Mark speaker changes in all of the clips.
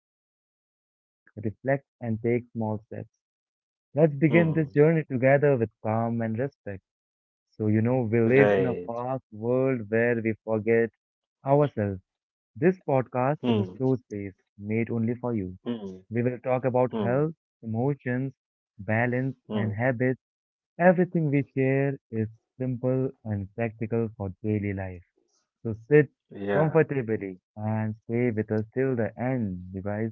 Speaker 1: help you think, reflect, and take small steps. Let's begin this
Speaker 2: Hmm.
Speaker 1: journey together with calm and respect. So, you know, we live in a
Speaker 2: Right.
Speaker 1: fast world where we forget ourselves. This podcast is a
Speaker 2: Hmm.
Speaker 1: slow space made only for you.
Speaker 2: Hmm.
Speaker 1: We will talk about
Speaker 2: Hmm.
Speaker 1: health, emotions, balance, and
Speaker 2: Hmm.
Speaker 1: habits. Everything we share is simple and practical for daily life. So sit
Speaker 2: Yeah.
Speaker 1: comfortably and stay with us till the end, guys.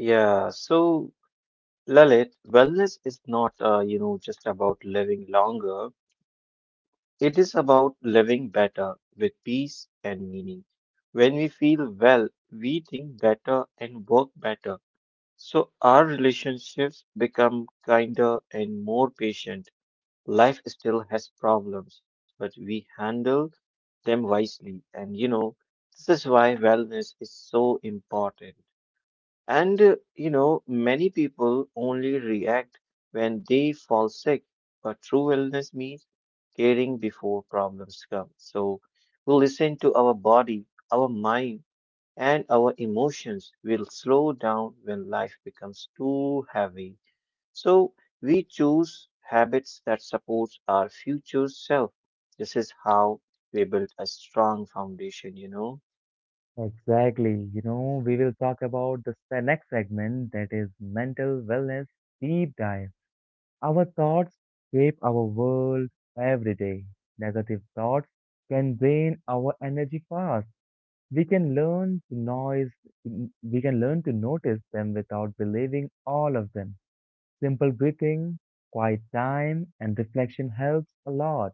Speaker 2: Yeah. So, Lalit, wellness is not just about living longer. It is about living better with peace and meaning. When we feel well, we think better and work better. So our relationships become kinder and more patient. Life still has problems, but we handle them wisely. And you know, this is why wellness is so important. Many people only react when they fall sick, but true wellness means caring before problems come. So we listen to our body, our mind, and our emotions will slow down when life becomes too heavy. So we choose habits that support our future self. This is how we build a strong foundation, you know.
Speaker 1: Exactly. You know, we will talk about the next segment, that is mental wellness deep dive. Our thoughts shape our world every day. Negative thoughts can drain our energy fast. We can learn to noise, we can learn to notice them without believing all of them. Simple breathing, quiet time, and reflection helps a lot.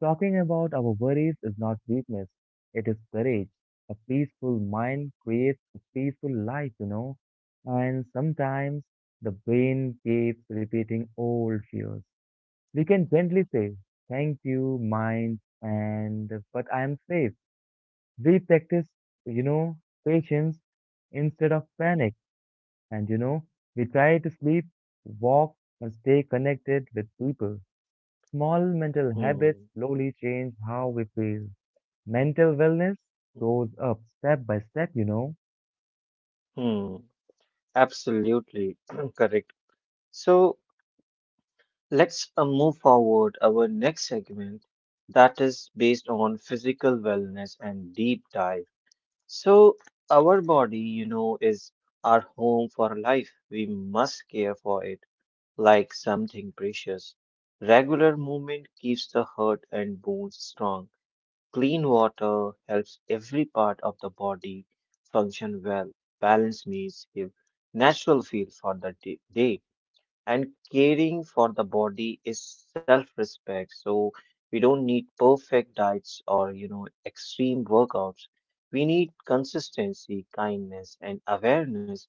Speaker 1: Talking about our worries is not weakness, it is courage. A peaceful mind creates a peaceful life, you know. And sometimes the brain keeps repeating old fears. We can gently say, thank you, mind, and but I am safe. We practice, you know, patience instead of panic. And you know, we try to sleep, walk, and stay connected with people. Small mental habits
Speaker 2: Hmm.
Speaker 1: slowly change how we feel. Mental wellness goes up step by step, you know.
Speaker 2: Hmm. Absolutely correct. So let's move forward our next segment that is based on physical wellness and deep dive. So, our body, you know, is our home for life. We must care for it like something precious. Regular movement keeps the heart and bones strong. Clean water helps every part of the body function well. Balance means give natural feel for the day and caring for the body is self-respect. So we don't need perfect diets or you know extreme workouts. We need consistency, kindness, and awareness.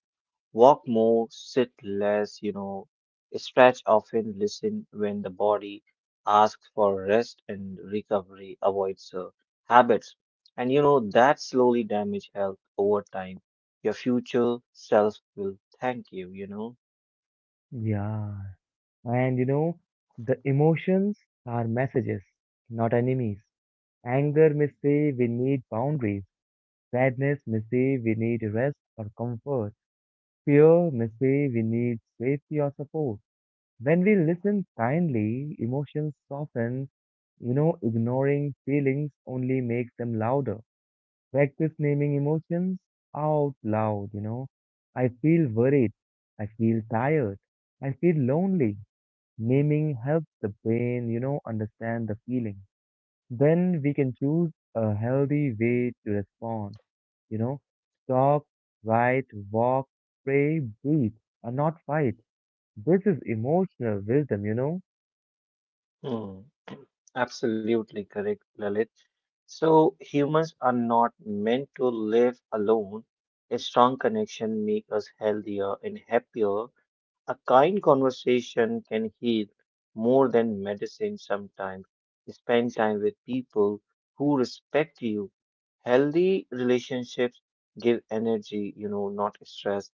Speaker 2: Walk more, sit less, you know, stretch often. Listen when the body asks for rest and recovery. Avoids habits and you know that slowly damage health over time. Your future self will thank you, you know.
Speaker 1: Yeah. And you know, the emotions are messages, not enemies. Anger may say we need boundaries. Sadness may say we need rest or comfort. Fear may say we need safety or support. When we listen kindly, emotions soften. You know, ignoring feelings only makes them louder. Practice naming emotions out loud, you know. I feel worried. I feel tired. I feel lonely. Naming helps the brain, you know, understand the feeling. Then we can choose a healthy way to respond. You know, talk, write, walk, pray, breathe, and not fight. This is emotional wisdom, you know.
Speaker 2: Hmm. Absolutely correct, Lalit. So humans are not meant to live alone. A strong connection makes us healthier and happier. A kind conversation can heal more than medicine sometimes. Spend time with people who respect you. Healthy relationships give energy, you know, not stress.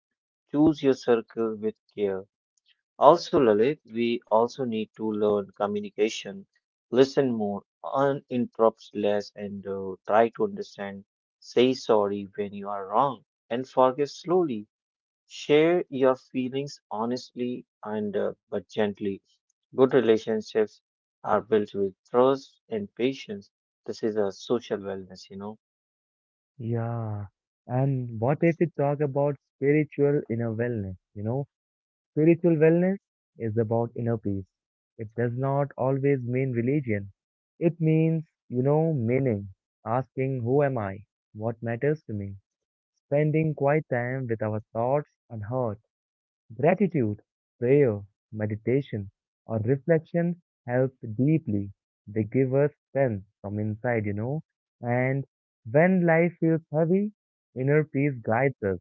Speaker 2: Choose your circle with care. Also, Lalit, we also need to learn communication, listen more, interrupt less, and try to understand. Say sorry when you are wrong and forgive slowly. Share your feelings honestly and but gently. Good relationships are built with trust and patience. This is a social wellness, you know.
Speaker 1: Yeah. And what if we talk about spiritual inner wellness? You know, spiritual wellness is about inner peace. It does not always mean religion. It means, you know, meaning, asking, who am I? What matters to me? Spending quiet time with our thoughts and heart. Gratitude, prayer, meditation, or reflection help deeply. They give us strength from inside, you know. And when life feels heavy, inner peace guides us.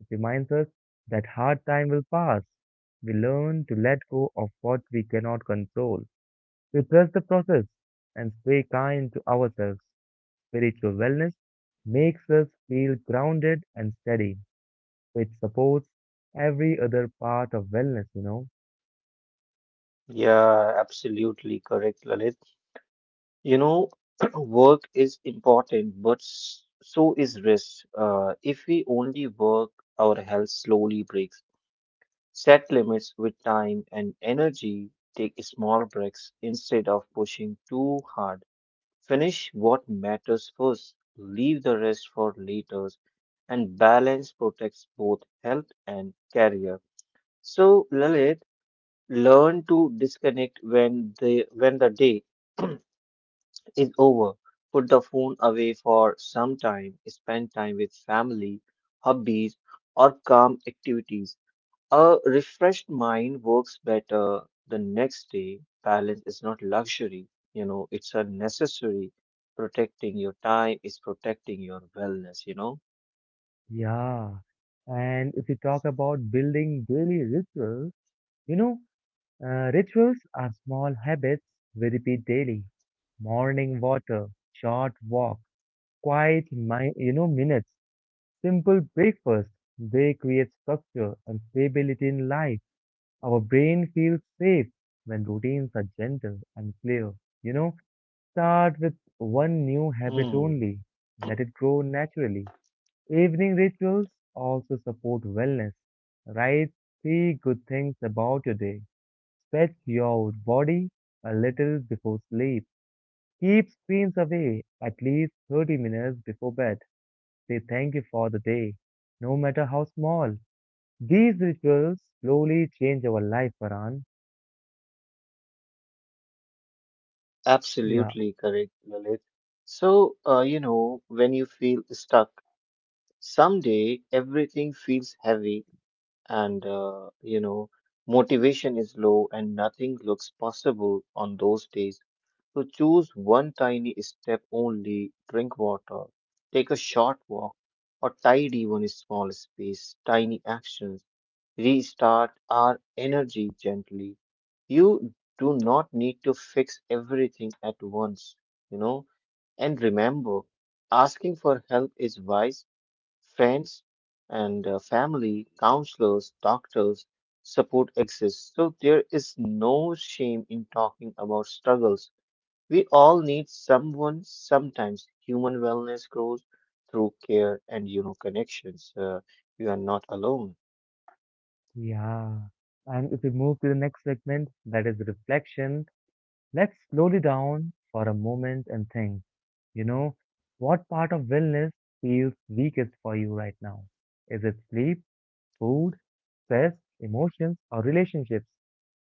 Speaker 1: It reminds us that hard time will pass. We learn to let go of what we cannot control. We trust the process and stay kind to ourselves. Spiritual wellness makes us feel grounded and steady, which supports every other part of wellness, you know.
Speaker 2: Yeah, absolutely correct, Lalit. You know, work is important, but so is rest. If we only work, our health slowly breaks. Set limits with time and energy. Take small breaks instead of pushing too hard. Finish what matters first. Leave the rest for later. And balance protects both health and career. So, Lalit, learn to disconnect when the day is over. Put the phone away for some time. Spend time with family, hobbies, or calm activities. A refreshed mind works better the next day. Balance is not luxury, you know, it's a necessary. Protecting your time is protecting your wellness, you know.
Speaker 1: Yeah, and if you talk about building daily rituals, you know, rituals are small habits we repeat daily. Morning water, short walk, quiet, minutes, simple breakfast. They create structure and stability in life. Our brain feels safe when routines are gentle and clear. You know, start with one new habit
Speaker 2: Hmm,
Speaker 1: only. Let it grow naturally. Evening rituals also support wellness. Write three good things about your day. Stretch your body a little before sleep. Keep screens away at least 30 minutes before bed. Say thank you for the day, no matter how small. These rituals slowly change our life, Varan. Yeah,
Speaker 2: absolutely correct, Lalit. So, you know, when you feel stuck, someday everything feels heavy and motivation is low and nothing looks possible on those days. So choose one tiny step only. Drink water, take a short walk, or tidy one small space. Tiny actions restart our energy gently. You do not need to fix everything at once, you know. And remember, asking for help is wise. Friends and family, counselors, doctors, support exists. So there is no shame in talking about struggles. We all need someone sometimes. Human wellness grows through care and you know connections. You are not alone.
Speaker 1: yeah. And if we move to the next segment, that is reflection, let's slowly down for a moment and think, you know, what part of wellness feels weakest for you right now? Is it sleep, food, stress, emotions, or relationships?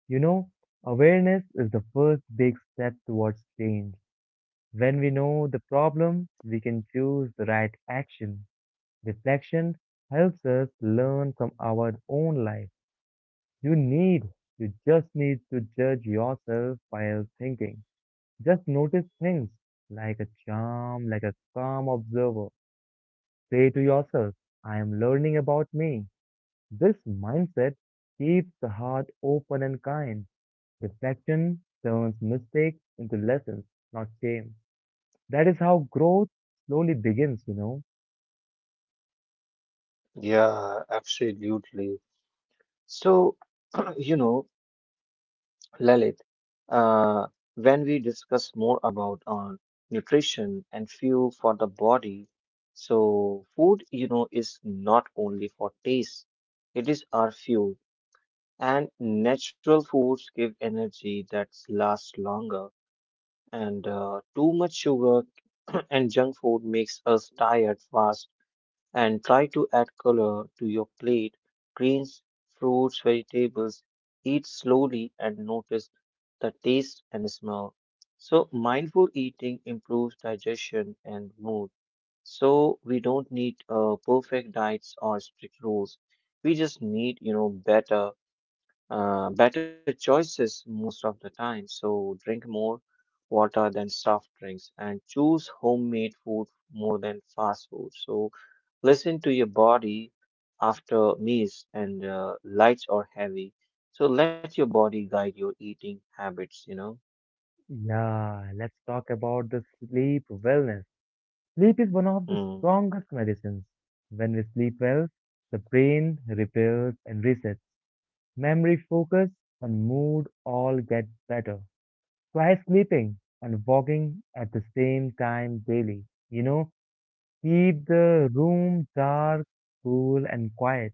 Speaker 1: You know, awareness is the first big step towards change. When we know the problem, we can choose the right action. Reflection helps us learn from our own life. You need, you just need to judge yourself while thinking. Just notice things like a charm, like a calm observer. Say to yourself, I am learning about me. This mindset keeps the heart open and kind. Reflection turns mistakes into lessons, not shame. That is how growth slowly begins, you know.
Speaker 2: Yeah, absolutely. So you know Lalit, uh, when we discuss more about on nutrition and fuel for the body, so food, you know, is not only for taste, it is our fuel. And natural foods give energy that lasts longer. And too much sugar and junk food makes us tired fast. And try to add color to your plate. Greens, fruits, vegetables. Eat slowly and notice the taste and smell. So, mindful eating improves digestion and mood. So, we don't need perfect diets or strict rules. We just need, you know, better choices most of the time. So drink more water than soft drinks and choose homemade food more than fast food. So listen to your body after meals and lights or heavy. So let your body guide your eating habits, you know.
Speaker 1: Yeah, let's talk about the sleep wellness. Sleep is one of the
Speaker 2: Hmm,
Speaker 1: strongest medicines. When we sleep well, the brain repairs and resets memory, focus, and mood all get better. Try sleeping and walking at the same time daily. You know, keep the room dark, cool, and quiet.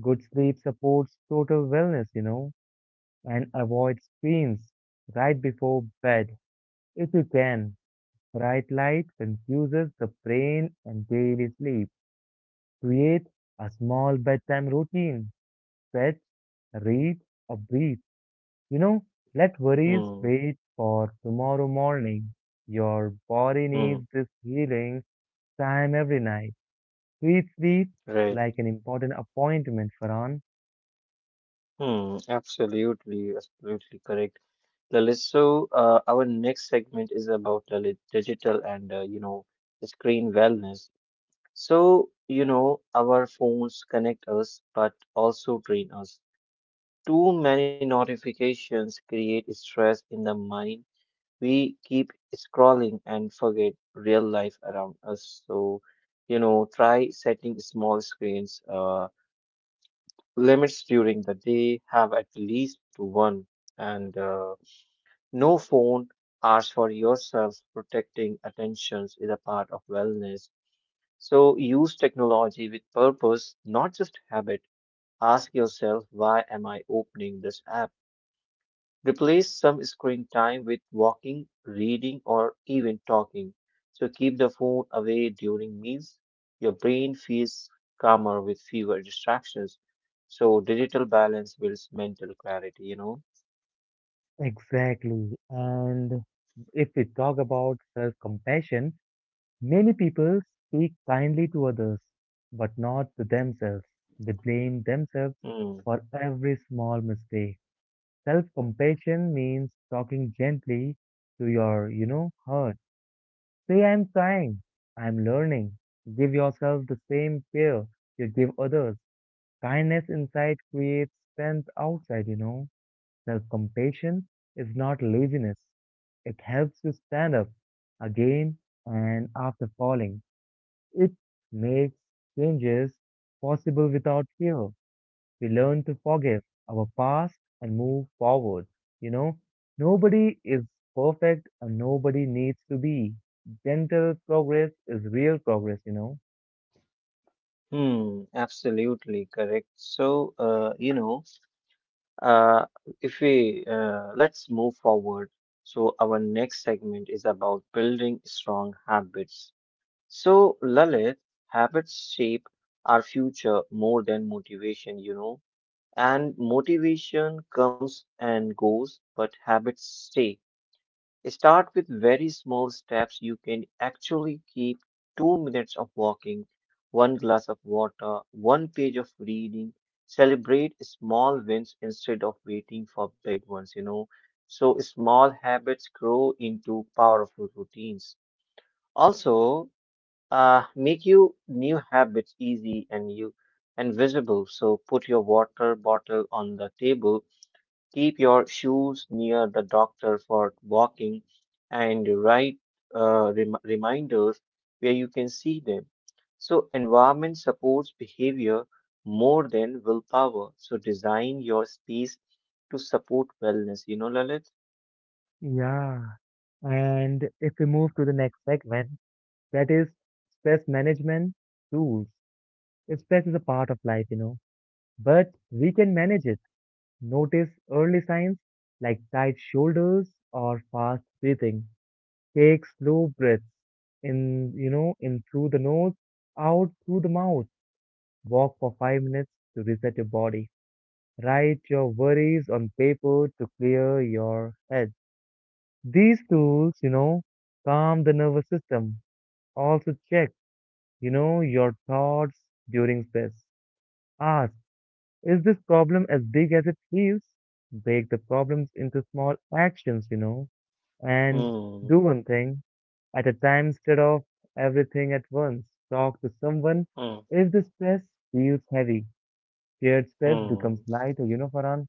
Speaker 1: Good sleep supports total wellness, you know, and avoid screens right before bed if you can. Bright light confuses the brain and daily sleep. Create a small bedtime routine. Stretch, read, or breathe. You know, let
Speaker 2: hmm,
Speaker 1: worries wait for tomorrow morning. Your body
Speaker 2: hmm,
Speaker 1: needs this healing time every night. Treat sleep
Speaker 2: right.
Speaker 1: like an important appointment, Farhan.
Speaker 2: Hmm, absolutely, absolutely correct. Lalit, so our next segment is about Lalit, digital and the screen wellness. So, you know, our phones connect us but also drain us. Too many notifications create stress in the mind. We keep scrolling and forget real life around us. So, you know, try setting small screens limits during the day, have at least one, and no phone hours for yourself. Protecting attentions is a part of wellness. So use technology with purpose, not just habit. Ask yourself, why am I opening this app? Replace some screen time with walking, reading, or even talking. So keep the phone away during meals. Your brain feels calmer with fewer distractions. So digital balance builds mental clarity, you know?
Speaker 1: Exactly. And if we talk about self compassion, many people speak kindly to others, but not to themselves. They blame themselves
Speaker 2: Hmm,
Speaker 1: for every small mistake. Self compassion means talking gently to your, you know, heart. Say, I'm trying, I'm learning. Give yourself the same care you give others. Kindness inside creates strength outside, you know. Self compassion is not laziness, it helps you stand up again and after falling. It makes changes possible without fear. We learn to forgive our past and move forward. You know, nobody is perfect and nobody needs to be. Gentle progress is real progress, you know.
Speaker 2: hmm, absolutely correct. So, Uh, if we let's move forward. So our next segment is about building strong habits. So Lalit, habits shape our future more than motivation, you know. And motivation comes and goes, but habits stay. Start with very small steps you can actually keep. 2 minutes of walking, one glass of water, one page of reading. Celebrate small wins instead of waiting for big ones, you know. So small habits grow into powerful routines. Also, make you new habits easy and you and visible. So put your water bottle on the table. Keep your shoes near the doctor for walking and write reminders where you can see them. So, environment supports behavior more than willpower. So, design your space to support wellness. You know, Lalit?
Speaker 1: Yeah, and if we move to the next segment, that is stress management tools. Stress is a part of life, you know, but we can manage it. Notice early signs like tight shoulders or fast breathing. Take slow breaths in, you know, in through the nose, out through the mouth. Walk for 5 minutes to reset your body. Write your worries on paper to clear your head. These tools, you know, calm the nervous system. Also check, you know, your thoughts during stress. Ask, is this problem as big as it feels? Break the problems into small actions, you know, and
Speaker 2: Hmm.
Speaker 1: do one thing at a time instead of everything at once. Talk to someone.
Speaker 2: Hmm.
Speaker 1: If the stress feels heavy, shared stress becomes
Speaker 2: Hmm.
Speaker 1: lighter, you know, Farhan?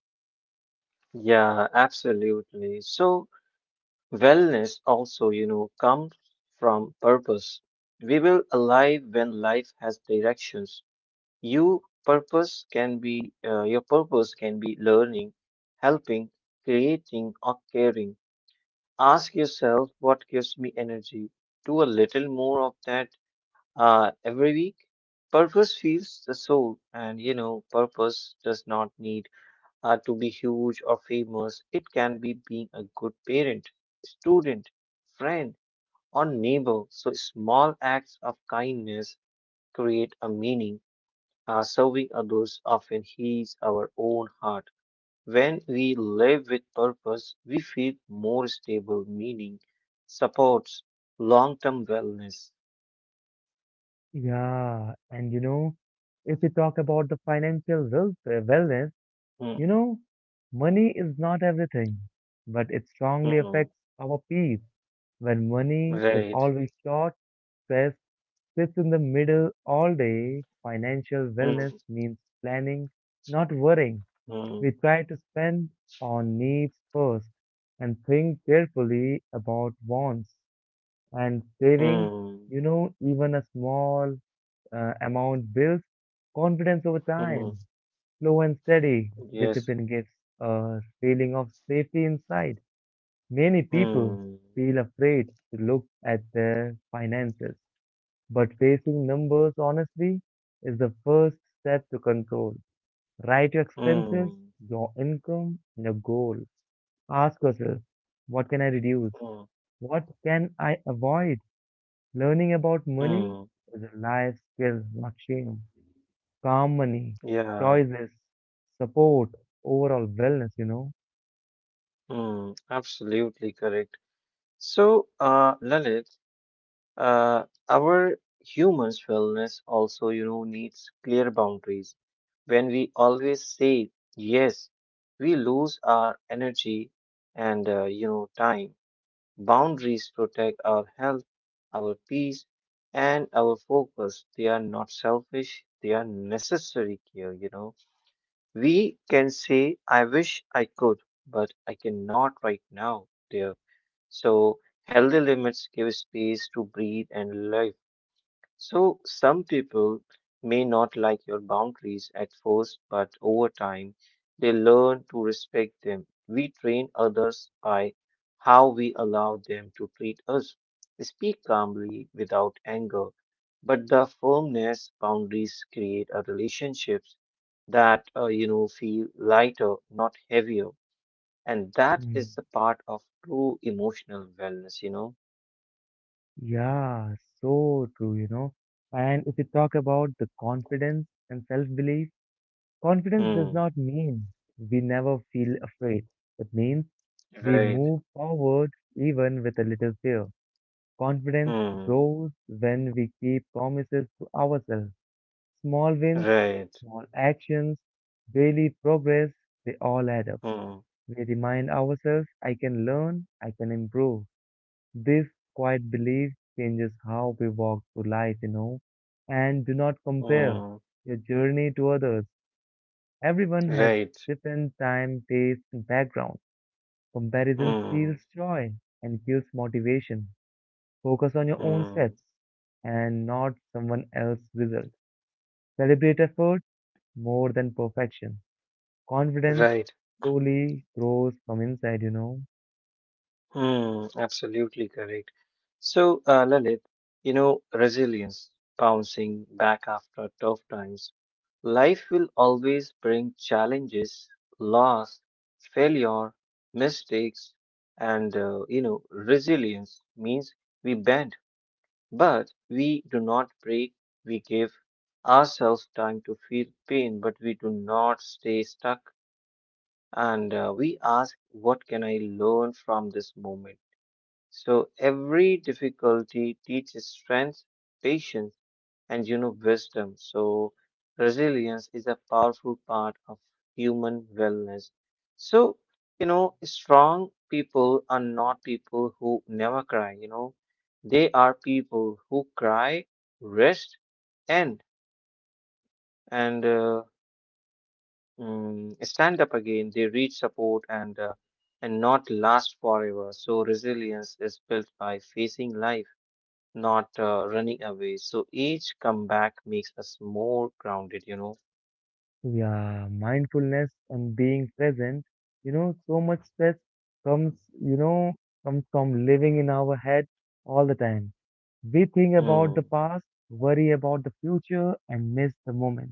Speaker 2: Yeah, absolutely. So, wellness also, you know, comes from purpose. We will alive when life has directions. Your purpose can be learning, helping, creating, or caring. Ask yourself what gives me energy. Do a little more of that every week. Purpose feeds the soul and you know purpose does not need to be huge or famous. It can be being a good parent, student, friend, or neighbor. So small acts of kindness create a meaning. Serving others often heals our own heart. When we live with purpose, we feel more stable. Meaning supports long term wellness.
Speaker 1: Yeah, and you know, if we talk about the wellness,
Speaker 2: Hmm,
Speaker 1: you know, money is not everything, but it strongly
Speaker 2: hmm,
Speaker 1: affects our peace. When money is
Speaker 2: right.
Speaker 1: always short, stress sits in the middle all day. Financial wellness
Speaker 2: Hmm,
Speaker 1: means planning, not worrying.
Speaker 2: hmm,
Speaker 1: We try to spend on needs first and think carefully about wants and saving.
Speaker 2: hmm,
Speaker 1: You know, even a small amount builds confidence over
Speaker 2: hmm,
Speaker 1: time. Slow and steady
Speaker 2: yes.
Speaker 1: discipline gives a feeling of safety inside. Many people
Speaker 2: Hmm,
Speaker 1: feel afraid to look at their finances, but facing numbers honestly is the first step to control. Write your expenses,
Speaker 2: hmm,
Speaker 1: your income, and your goal. Ask yourself, what can I reduce?
Speaker 2: hmm,
Speaker 1: What can I avoid? Learning about
Speaker 2: hmm,
Speaker 1: money is a life skill, not shame. Calm money,
Speaker 2: yeah.
Speaker 1: choices, support, overall wellness, you know.
Speaker 2: Hmm, absolutely correct. So, Lalit, Uh, our humans' wellness also, you know, needs clear boundaries. When we always say yes, we lose our energy and, you know, time. Boundaries protect our health, our peace, and our focus. They are not selfish, they are necessary care, you know. We can say, I wish I could, but I cannot right now, dear. So, healthy limits give space to breathe and live. So some people may not like your boundaries at first, but over time, they learn to respect them. We train others by how we allow them to treat us. Speak calmly without anger, but the firmness. Boundaries create a relationships that you know feel lighter, not heavier, and that is
Speaker 1: Mm.
Speaker 2: the part of true emotional wellness. You know.
Speaker 1: Yeah, so true, you know. And if you talk about the confidence and self belief, confidence does
Speaker 2: Hmm.
Speaker 1: not mean we never feel afraid. It means we
Speaker 2: Right.
Speaker 1: move forward even with a little fear. Confidence
Speaker 2: Hmm.
Speaker 1: grows when we keep promises to ourselves. Small wins,
Speaker 2: Right.
Speaker 1: small actions, daily progress, they all add up.
Speaker 2: Hmm.
Speaker 1: We remind ourselves, I can learn, I can improve. This quiet belief changes how we walk through life, you know. And do not compare
Speaker 2: Mm,
Speaker 1: your journey to others. Everyone has
Speaker 2: right.
Speaker 1: different time, taste, and background. Comparison
Speaker 2: Mm,
Speaker 1: steals joy and kills motivation. Focus on your own
Speaker 2: mm,
Speaker 1: steps and not someone else's result. Celebrate effort more than perfection. Confidence
Speaker 2: right.
Speaker 1: slowly grows from inside, you know.
Speaker 2: Mm, absolutely correct. So, Lalit, you know, resilience, bouncing back after tough times. Life will always bring challenges, loss, failure, mistakes, and, you know, resilience means we bend, but we do not break. We give ourselves time to feel pain, but we do not stay stuck and we ask, what can I learn from this moment? So every difficulty teaches strength, patience, and you know, wisdom. So resilience is a powerful part of human wellness. So, you know, strong people are not people who never cry, you know, they are people who cry, rest, end. And stand up again, they reach support and and not last forever. So resilience is built by facing life, not running away. So each comeback makes us more grounded. You know.
Speaker 1: Yeah, mindfulness and being present. You know, comes, you know, comes from living in our head all the time. We think about the
Speaker 2: Hmm.
Speaker 1: past, worry about the future, and miss the moment.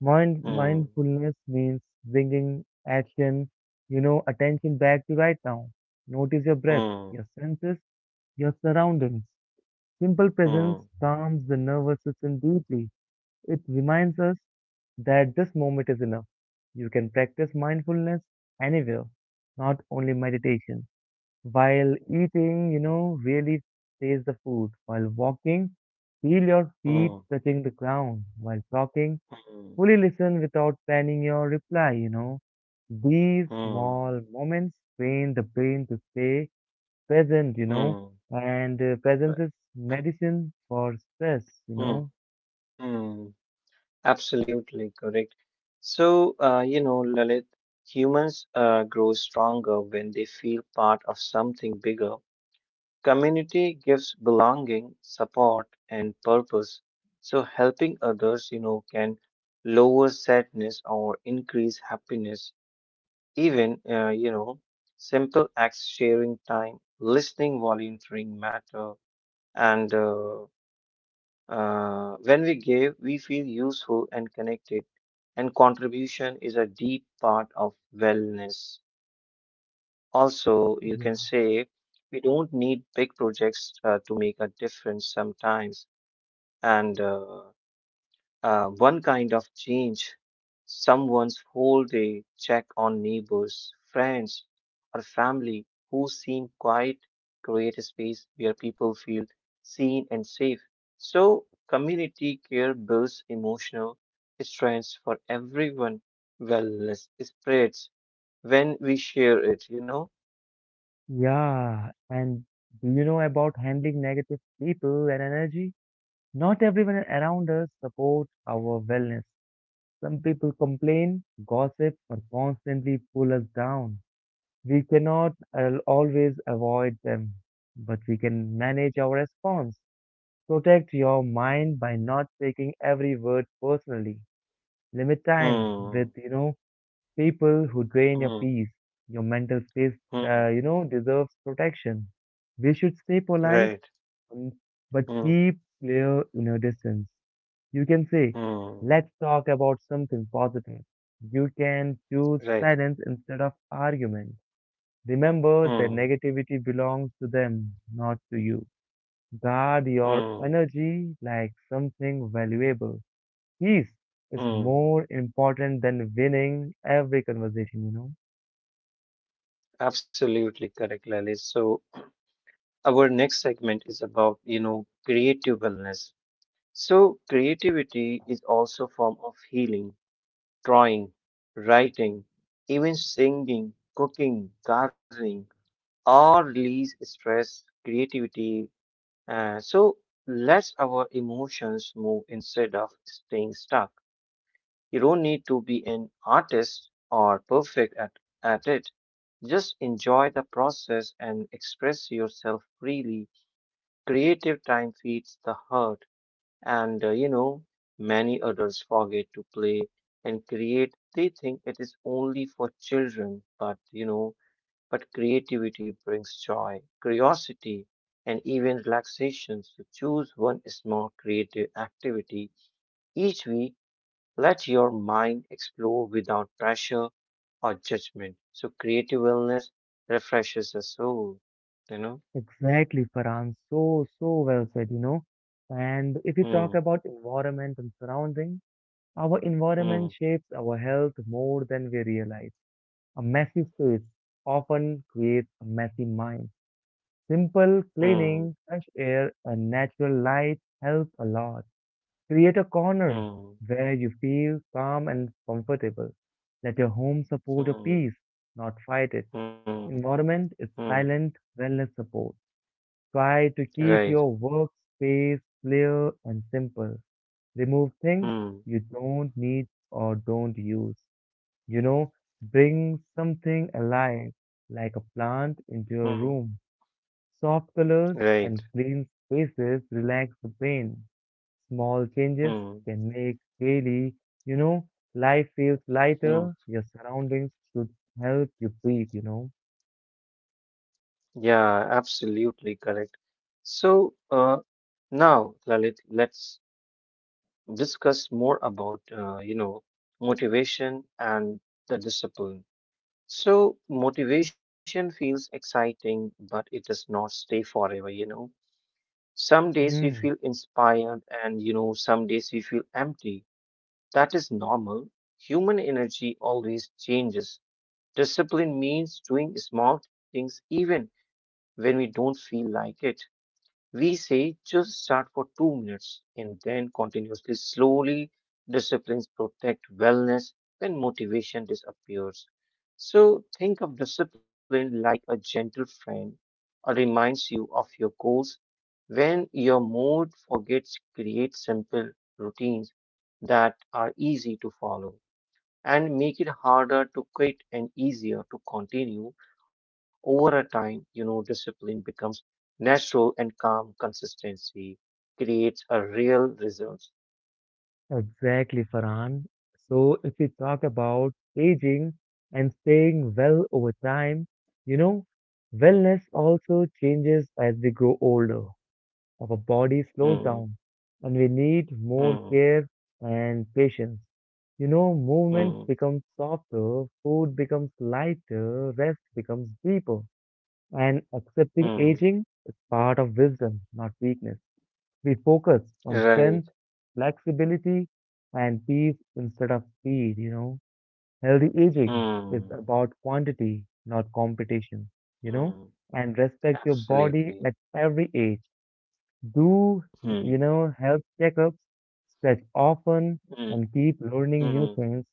Speaker 2: Hmm.
Speaker 1: Mindfulness means bringing action, you know, attention back to right now. Notice your breath,
Speaker 2: Hmm.
Speaker 1: your senses, your surroundings. Simple presence
Speaker 2: Hmm.
Speaker 1: calms the nervous system deeply. It reminds us that this moment is enough. You can practice mindfulness anywhere, not only meditation. While eating, you know, really taste the food. While walking, feel your feet
Speaker 2: Hmm.
Speaker 1: touching the ground. While talking,
Speaker 2: Hmm.
Speaker 1: fully listen without planning your reply, you know. These
Speaker 2: Hmm.
Speaker 1: small moments train the brain to stay present, you know,
Speaker 2: Hmm.
Speaker 1: and
Speaker 2: Uh,
Speaker 1: presence is medicine for stress, you
Speaker 2: Hmm.
Speaker 1: know.
Speaker 2: Hmm. Absolutely correct. So, you know, Lalit, humans grow stronger when they feel part of something bigger. Community gives belonging, support, and purpose. So helping others, you know, can lower sadness or increase happiness. Even, you know, simple acts, sharing time, listening, volunteering matter. And When we give, we feel useful and connected. And contribution is a deep part of wellness. Also, you can
Speaker 1: Yeah.
Speaker 2: say we don't need big projects to make a difference sometimes. And one kind of change, someone's whole day check on neighbors, friends, or family who seem quiet, create a space where people feel seen and safe. So community care builds emotional strength for everyone. Wellness spreads when we share it.
Speaker 1: Yeah, and do you know about handling negative people and energy? Not everyone around us supports our wellness. Some people complain, gossip, or constantly pull us down. We cannot always avoid them, but we can manage our response. Protect your mind by not taking every word personally. Limit time with,
Speaker 2: Hmm.
Speaker 1: you know, people who drain your
Speaker 2: Mm,
Speaker 1: peace. Your mental space,
Speaker 2: mm,
Speaker 1: you know, deserves protection. We should stay polite,
Speaker 2: right.
Speaker 1: mm, but
Speaker 2: Mm,
Speaker 1: keep clear inner distance. You can say,
Speaker 2: mm,
Speaker 1: let's talk about something positive. You can choose
Speaker 2: right.
Speaker 1: silence instead of argument. Remember that
Speaker 2: Mm,
Speaker 1: negativity belongs to them, not to you. Guard your
Speaker 2: mm,
Speaker 1: energy like something valuable. Peace is
Speaker 2: mm.
Speaker 1: more important than winning every conversation, you know.
Speaker 2: Absolutely correct, Lalit. So our next segment is about, creative wellness. So creativity is also a form of healing, drawing, writing, even singing, cooking, gardening, all release stress, creativity. So lets our emotions move instead of staying stuck. You don't need to be an artist or perfect at it. Just enjoy the process and express yourself freely. Creative time feeds the heart, and many adults forget to play and create. They think it is only for children, but creativity brings joy, curiosity, and even relaxation. So choose one small creative activity each week, let your mind explore without pressure or judgment. So creative wellness refreshes the soul, you know?
Speaker 1: Exactly, Farhan. So, so well said, you know. And if you
Speaker 2: Hmm,
Speaker 1: talk about environment and surrounding, our environment
Speaker 2: hmm,
Speaker 1: shapes our health more than we realize. A messy space often creates a messy mind. Simple
Speaker 2: hmm,
Speaker 1: cleaning, fresh air, and natural light help a lot. Create a corner
Speaker 2: hmm,
Speaker 1: where you feel calm and comfortable. Let your home support your
Speaker 2: hmm,
Speaker 1: peace, not fight it.
Speaker 2: hmm,
Speaker 1: Environment is
Speaker 2: hmm.
Speaker 1: silent wellness support. Try to keep
Speaker 2: Right.
Speaker 1: your workspace clear and simple. Remove things
Speaker 2: Hmm,
Speaker 1: you don't need or don't use. You know, bring something alive like a plant into
Speaker 2: hmm,
Speaker 1: your room. Soft colors
Speaker 2: right.
Speaker 1: and clean spaces relax the brain. Small changes
Speaker 2: Hmm,
Speaker 1: can make daily, you know, life feels
Speaker 2: hmm.
Speaker 1: lighter. Your surroundings should help you breathe, you know.
Speaker 2: Yeah, absolutely correct. So now, Lalit, let's discuss more about, motivation and the discipline. So motivation feels exciting, but it does not stay forever, you know. Some days we feel
Speaker 1: Hmm,
Speaker 2: inspired and, some days we feel empty. That is normal. Human energy always changes. Discipline means doing small things even when we don't feel like it. We say just start for two minutes and then continuously, slowly. Disciplines protect wellness when motivation disappears. So think of discipline like a gentle friend or reminds you of your goals. When your mood forgets, create simple routines that are easy to follow and make it harder to quit and easier to continue over a time, you know, discipline becomes natural and calm, consistency creates a real result.
Speaker 1: exactly, Farhan. So, if we talk about aging and staying well over time, you know, wellness also changes as we grow older. Our body slows
Speaker 2: Hmm,
Speaker 1: down and we need more
Speaker 2: hmm,
Speaker 1: care and patience. You know, movement
Speaker 2: hmm,
Speaker 1: becomes softer, food becomes lighter, rest becomes deeper. And accepting
Speaker 2: hmm,
Speaker 1: aging is part of wisdom, not weakness. We focus on
Speaker 2: right,
Speaker 1: strength, flexibility, and peace instead of speed, you know. Healthy aging is
Speaker 2: hmm,
Speaker 1: about quantity, not competition, you
Speaker 2: hmm,
Speaker 1: know, and respect your
Speaker 2: absolutely,
Speaker 1: body at every age do, you
Speaker 2: hmm,
Speaker 1: know, health checkups, stretch often,
Speaker 2: hmm,
Speaker 1: and keep learning new
Speaker 2: hmm,
Speaker 1: things.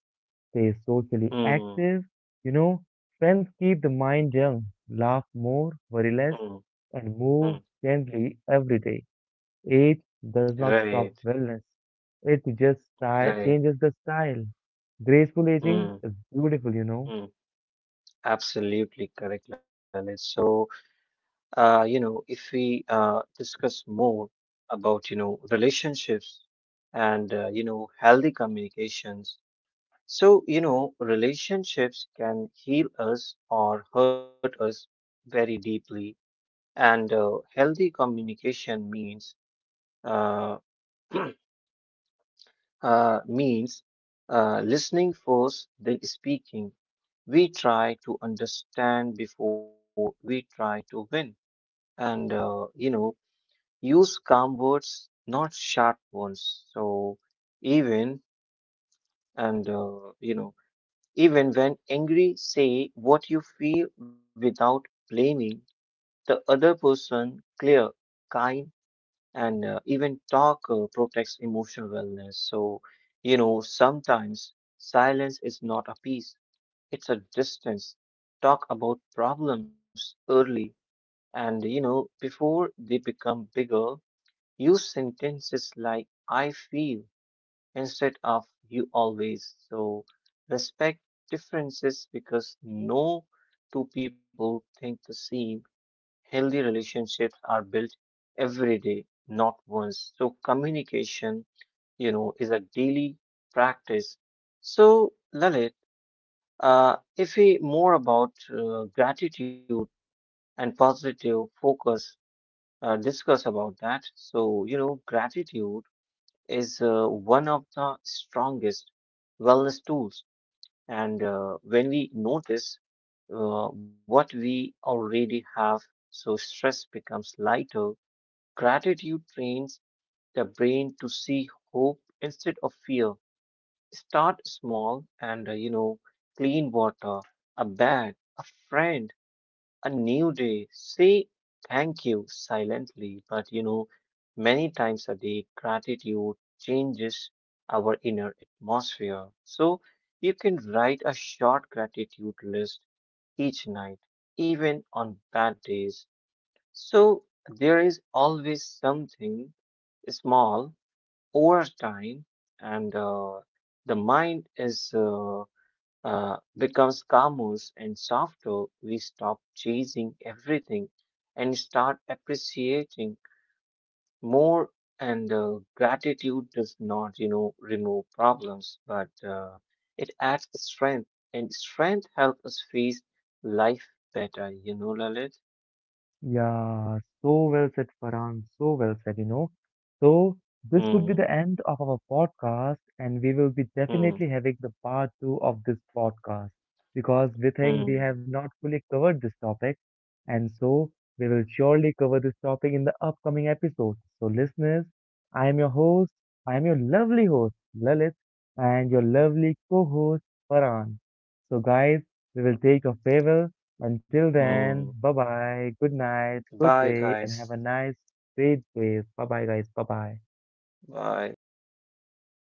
Speaker 1: Stay socially active.
Speaker 2: hmm,
Speaker 1: You know, friends keep the mind young. Laugh more, worry less,
Speaker 2: hmm,
Speaker 1: and
Speaker 2: hmm,
Speaker 1: move gently every day. Age does not stop
Speaker 2: right,
Speaker 1: wellness. It just sty
Speaker 2: right,
Speaker 1: changes the style. Graceful aging is
Speaker 2: hmm,
Speaker 1: beautiful, you know.
Speaker 2: hmm, absolutely correct, Lalit. So you know, if we discuss more about, relationships and, healthy communications. So, you know, relationships can heal us or hurt us very deeply. And healthy communication means, uh, means listening first, then speaking. We try to understand before we try to win. And, use calm words, not sharp ones. So even and uh, you know, even when angry, say what you feel without blaming the other person. Clear, kind, and even talk protects emotional wellness. So, you know, sometimes silence is not a peace; it's a distance. Talk about problems early, and, you know, before they become bigger. Use sentences like I feel instead of you always. So respect differences because no two people think the same. Healthy relationships are built every day, not once. So communication, you know, is a daily practice. So Lalit, if we more about gratitude and positive focus, discuss about that. So you know, gratitude is one of the strongest wellness tools. And when we notice what we already have, so stress becomes lighter. Gratitude trains the brain to see hope instead of fear. Start small and, clean water, a bag, a friend, a new day. Say thank you silently, but, you know, many times a day, gratitude changes our inner atmosphere. So you can write a short gratitude list each night, even on bad days. So there is always something small. Over time, and the mind is. Becomes calmer and softer, we stop chasing everything and start appreciating more. And gratitude does not, you know, remove problems, but it adds strength, and strength helps us face life better. You know, Lalit.
Speaker 1: Yeah, so well said, Farhan. So well said, you know. So, this would be
Speaker 2: Hmm.
Speaker 1: the end of our podcast, and we will be
Speaker 2: Hmm.
Speaker 1: definitely having the part two of this podcast because we think we
Speaker 2: Hmm.
Speaker 1: have not fully covered this topic. And so, we will surely cover this topic in the upcoming episode. So, listeners, I am your host, I am your lovely host, Lalit, and your lovely co host, Farhan. So, guys, we will take a farewell until then,
Speaker 2: Hmm.
Speaker 1: bye bye, good night, good
Speaker 2: Bye,
Speaker 1: day, and have a
Speaker 2: guys.
Speaker 1: nice sweet sleep. Bye bye, guys. Bye bye.
Speaker 2: Bye.